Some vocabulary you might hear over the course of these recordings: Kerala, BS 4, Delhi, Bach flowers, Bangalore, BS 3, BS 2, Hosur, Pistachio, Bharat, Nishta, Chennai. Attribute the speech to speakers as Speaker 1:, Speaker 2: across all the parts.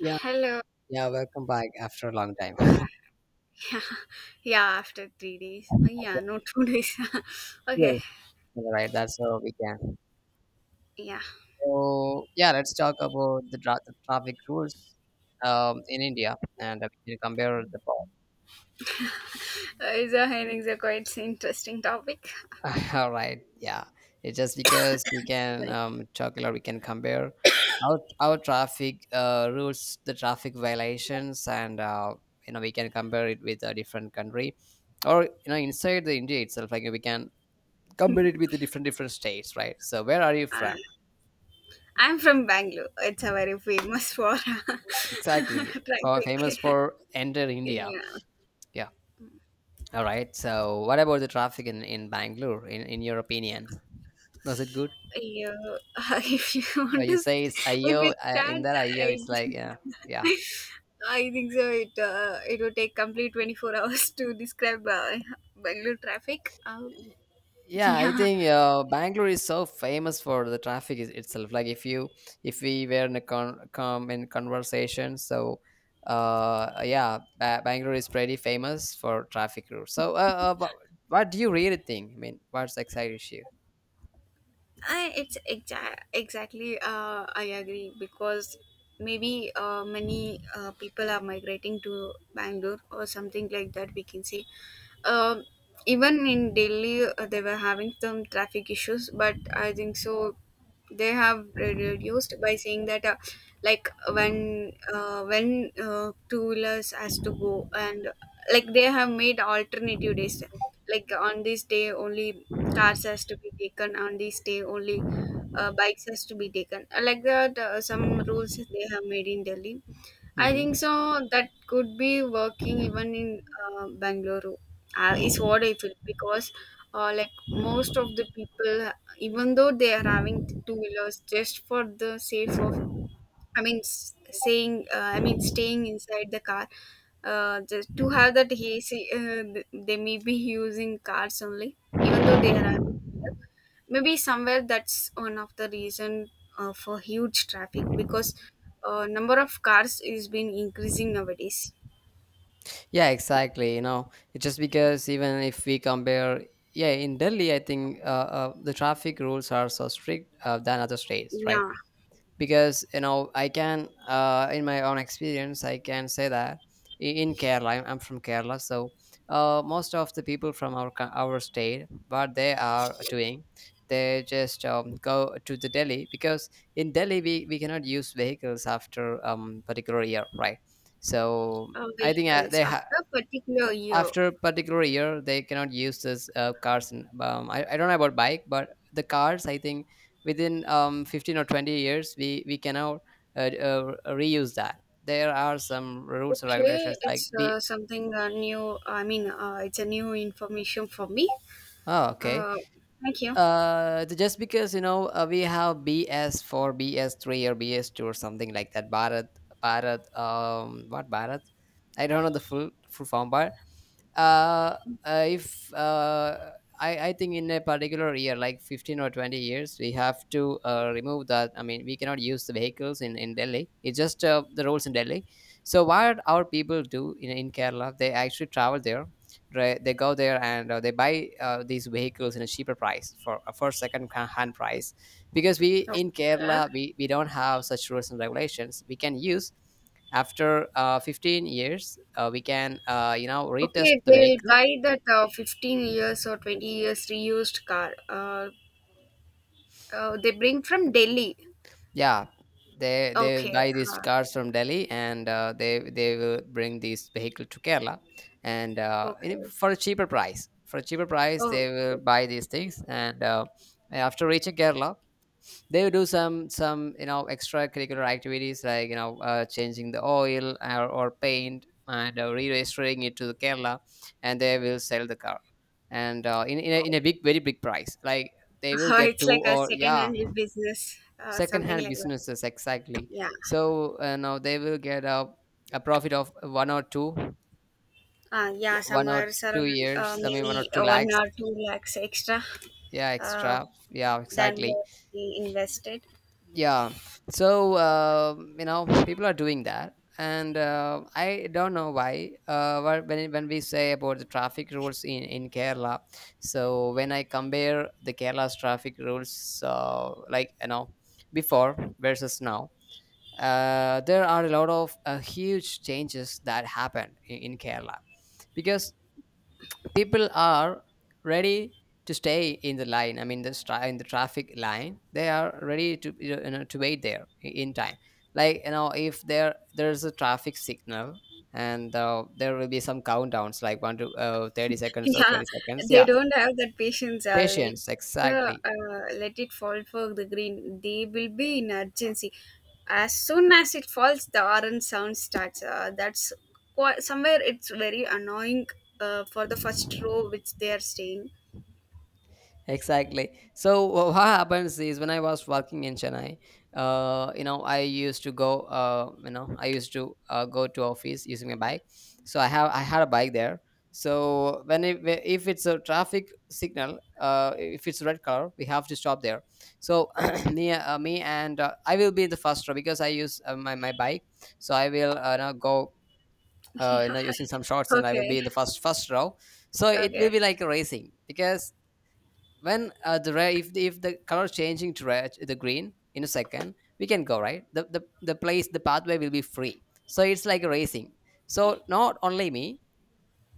Speaker 1: Yeah,
Speaker 2: Hello.
Speaker 1: yeah, welcome back after a long time.
Speaker 2: Yeah, yeah, after 3 days. Yeah,
Speaker 1: Yeah,
Speaker 2: no, 2 days. Okay,
Speaker 1: yes. All right, that's how we can.
Speaker 2: yeah.
Speaker 1: So, yeah, let's talk about the traffic rules in India, and we can compare the
Speaker 2: Hennings a quite interesting topic.
Speaker 1: both. All right, yeah. It's just because we can
Speaker 2: Sorry.
Speaker 1: talk a lot, we can compare our traffic rules, the traffic violations, and we can compare it with a different country, or inside the India itself, like we can compare it with the different different states, right? So, where are you
Speaker 2: Uh,
Speaker 1: from?
Speaker 2: I'm from Bangalore. It's a very famous for traffic.
Speaker 1: Exactly. Famous for enter India.
Speaker 2: Yeah,
Speaker 1: Yeah. All right. So, what about the traffic in Bangalore, in your opinion? Was it good?
Speaker 2: if you want
Speaker 1: You
Speaker 2: to,
Speaker 1: say it's
Speaker 2: st- if
Speaker 1: IO,
Speaker 2: it
Speaker 1: in
Speaker 2: starts,
Speaker 1: that IO,
Speaker 2: I,
Speaker 1: it's like, yeah, yeah.
Speaker 2: I think so. It would take complete 24 hours to describe Bangalore traffic.
Speaker 1: Yeah, I
Speaker 2: Yeah,
Speaker 1: think Bangalore is so famous for the traffic is, itself. Like if we were in a con- com in conversation. So yeah, Bangalore is pretty famous for traffic rules. So, uh, wha- what do you really think? I mean, what's the exact issue?
Speaker 2: exactly I agree because maybe many people are migrating to Bangalore or something like that we can say, um, even in Delhi they were having some traffic issues, but I think so they have reduced by saying that like when two wheelers has to go, and like they have made alternative days. Like on this day only cars has to be taken, on this day only bikes has to be taken. Like that some rules they have made in Delhi. I think
Speaker 1: Hmm.
Speaker 2: so that could be working even in Bangalore is what I feel, because like most of the people, even though they are having two wheelers, just for the safe of i mean s- saying I mean staying inside the car just to have that AC, they may be using cars only, even though they are. Having two, maybe somewhere that's one of the reason for huge traffic, because number of cars is been increasing nowadays.
Speaker 1: Yeah, exactly. It's just because, even if we compare, yeah, in Delhi, I think the traffic rules are so strict than other states, right?
Speaker 2: Yeah.
Speaker 1: Because in my own experience, I can say that in Kerala, I'm from Kerala. So most of the people from our our state, what they are doing, they just go to the Delhi, because in Delhi, we cannot use vehicles after particular year, right? So I think
Speaker 2: Vehicles after a particular year.
Speaker 1: after a particular year, they cannot use this cars, and I don't know about bike, but the cars I think within 15 or 20 years, we cannot uh, reuse that. There are some rules and
Speaker 2: Okay,
Speaker 1: regulations,
Speaker 2: it's
Speaker 1: like be.
Speaker 2: something new, I mean it's a new information for me.
Speaker 1: Oh, okay.
Speaker 2: uh, Thank you.
Speaker 1: Just because we have BS 4, BS 3, or BS 2, or something like that. Bharat, what Bharat, I don't know the full form, but uh, if I think in a particular year, like 15 or 20 years, we have to remove that. I mean, we cannot use the vehicles in Delhi. It's just the rules in Delhi. So what our people do in Kerala, they actually travel there, right? They go there, and they buy these vehicles in a cheaper price, for second hand price. Because we
Speaker 2: Okay.
Speaker 1: in Kerala, we don't have such rules and regulations. We can use after 15 years. We can, retest
Speaker 2: Okay,
Speaker 1: the
Speaker 2: they'll
Speaker 1: vehicle.
Speaker 2: buy that 15 years or 20 years reused car. They bring from Delhi.
Speaker 1: Yeah, they
Speaker 2: Okay.
Speaker 1: buy these
Speaker 2: Uh,
Speaker 1: cars from Delhi, and they will bring this vehicle to Kerala. And
Speaker 2: okay.
Speaker 1: for a cheaper price,
Speaker 2: Oh,
Speaker 1: they will
Speaker 2: okay.
Speaker 1: buy these things, and after reaching Kerala, they would do some extracurricular activities, like changing the oil, or paint, and re-registering it to the Kerala, and they will sell the car. And in a big, very big price, like they will get
Speaker 2: It's
Speaker 1: two,
Speaker 2: like a
Speaker 1: or
Speaker 2: second
Speaker 1: yeah.
Speaker 2: hand business,
Speaker 1: Second
Speaker 2: something
Speaker 1: hand
Speaker 2: like
Speaker 1: businesses,
Speaker 2: that.
Speaker 1: exactly.
Speaker 2: Yeah.
Speaker 1: So now they will get a profit of
Speaker 2: Yeah,
Speaker 1: one or
Speaker 2: somewhere
Speaker 1: two
Speaker 2: around
Speaker 1: years I mean, one or
Speaker 2: maybe
Speaker 1: two
Speaker 2: one
Speaker 1: lakhs,
Speaker 2: or two lakhs extra
Speaker 1: yeah,
Speaker 2: uh,
Speaker 1: extra, yeah,
Speaker 2: than
Speaker 1: exactly,
Speaker 2: what we invested.
Speaker 1: yeah. So people are doing that, and I don't know why when we say about the traffic rules in Kerala. So when I compare the Kerala's traffic rules, like before versus now, there are a lot of huge changes that happened in Kerala, because people are ready to stay in the line. I mean, the in the traffic line, they are ready to to wait there, in time. Like if there's a traffic signal, and there will be some countdowns, like 1 to 30 seconds or
Speaker 2: Yeah,
Speaker 1: 20 seconds,
Speaker 2: they
Speaker 1: yeah.
Speaker 2: don't have that patience.
Speaker 1: Patience, exactly.
Speaker 2: Let it fall for the green. They will be in urgency. As soon as it falls, the orange sound starts. That's quite, somewhere it's very annoying for the first row which they are staying.
Speaker 1: Exactly. So what happens is, when I was working in Chennai, I used to go to office using my bike. So I had a bike there. So when if it's a traffic signal, if it's red color, we have to stop there. So me and I will be the first row, because I use my bike. So I will, now go,
Speaker 2: Yeah.
Speaker 1: using some shorts, and I will
Speaker 2: Okay.
Speaker 1: be in the first row. So it will
Speaker 2: Okay.
Speaker 1: be like a racing, because when the red if if the color changing to red, the green in a second, we can go, right? The pathway will be free, so it's like racing. So not only me,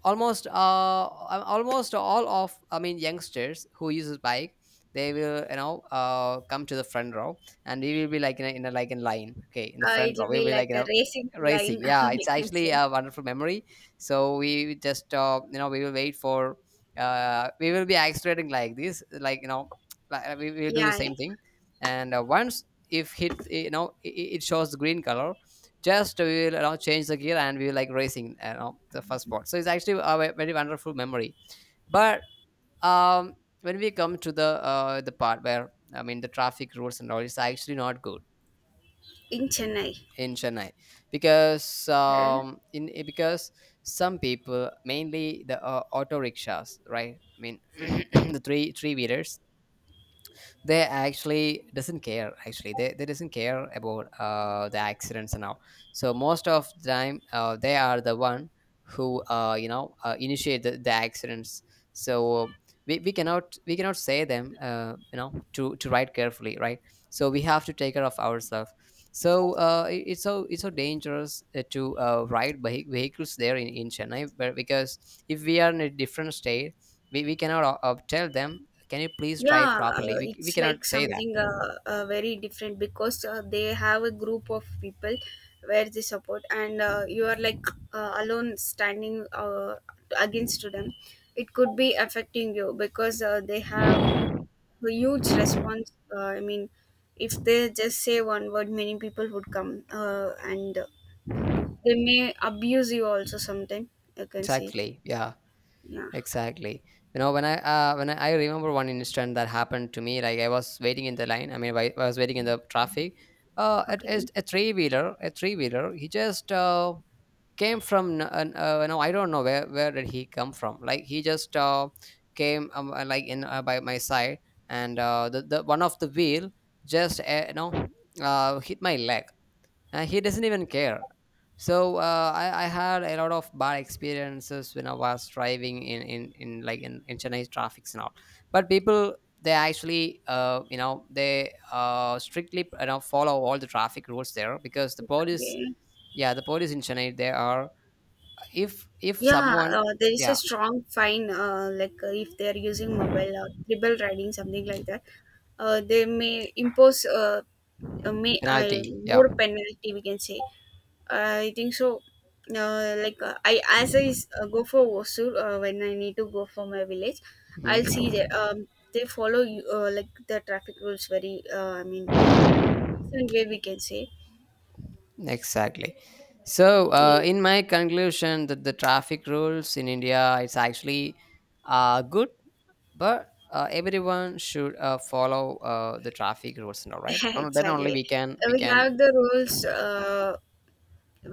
Speaker 1: almost uh almost all of, I mean, youngsters who uses bike, they will come to the front row, and we will be like in a like in line, okay, in the front row,
Speaker 2: It'll
Speaker 1: we'll
Speaker 2: be
Speaker 1: be like
Speaker 2: like a racing
Speaker 1: racing,
Speaker 2: line,
Speaker 1: yeah,
Speaker 2: we
Speaker 1: it's
Speaker 2: can
Speaker 1: actually
Speaker 2: say.
Speaker 1: a wonderful memory. So we will just, we will be accelerating like this, like, like, we will do the
Speaker 2: Yeah, yeah.
Speaker 1: same thing. And once if hit, it shows green color, just we will, change the gear, and we were like racing, the first spot. So it's actually a very wonderful memory. But um, when we come to the part where, I mean, the traffic rules and all, it's actually not good
Speaker 2: In Chennai.
Speaker 1: in Chennai. Because
Speaker 2: Huh?
Speaker 1: because some people, mainly the auto rickshaws, right? I mean, the three wheelers, they actually doesn't care. Actually they doesn't care about the accidents and all. So most of the time, they are the one who, initiate the accidents. So we cannot say them, to ride carefully, right? So we have to take care of ourselves. So it's so dangerous to ride vehicles there in Chennai. But because if we are in a different state, we cannot tell them, can you please try
Speaker 2: Yeah, uh,
Speaker 1: properly. We
Speaker 2: it's like
Speaker 1: cannot say that.
Speaker 2: something uh, uh, very different, because they have a group of people where they support, and you are like alone standing against to them. It could be affecting you because they have a huge response. I mean, if they just say one word, many people would come, and they may abuse you also sometime. You can see.
Speaker 1: Exactly, yeah,
Speaker 2: Yeah.
Speaker 1: exactly. When I remember one instant that happened to me, like I was waiting in the line, I mean, I was waiting in the traffic. It
Speaker 2: Okay.
Speaker 1: is a three-wheeler. He just came from no, I don't know where did he come from. Like he just came, like in by my side. And the one of the wheel just, hit my leg. He doesn't even care. So I had a lot of bad experiences when I was driving in like in Chennai traffic and all. But people, they actually, they strictly follow all the traffic rules there, because the police.
Speaker 2: Okay.
Speaker 1: Yeah, the police in Chennai, they are, if
Speaker 2: Yeah,
Speaker 1: someone.
Speaker 2: there is a
Speaker 1: Yeah,
Speaker 2: strong fine, if they are using mobile or tribal riding, something like that. They may impose
Speaker 1: penalty, yeah.
Speaker 2: more penalty, we can say. I think so. I go for Hosur when I need to go for my village. I'll
Speaker 1: Mhm.
Speaker 2: see that they follow you, like the traffic rules very. I mean, decent way we can say.
Speaker 1: Exactly. So
Speaker 2: Yeah,
Speaker 1: in my conclusion, that the traffic rules in India, it's actually good, but everyone should follow the traffic rules now, right, and then only
Speaker 2: exactly.
Speaker 1: we can we
Speaker 2: We
Speaker 1: can
Speaker 2: have the rules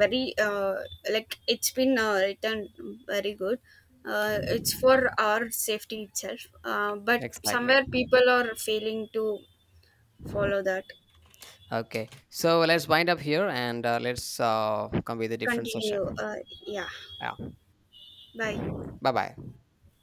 Speaker 2: very like it's been written very good. It's for our safety itself. But
Speaker 1: Exactly.
Speaker 2: somewhere people are failing to follow that.
Speaker 1: Okay, so let's wind up here, and let's come with a different
Speaker 2: Continue.
Speaker 1: session.
Speaker 2: Yeah.
Speaker 1: Yeah.
Speaker 2: Bye.
Speaker 1: Bye bye.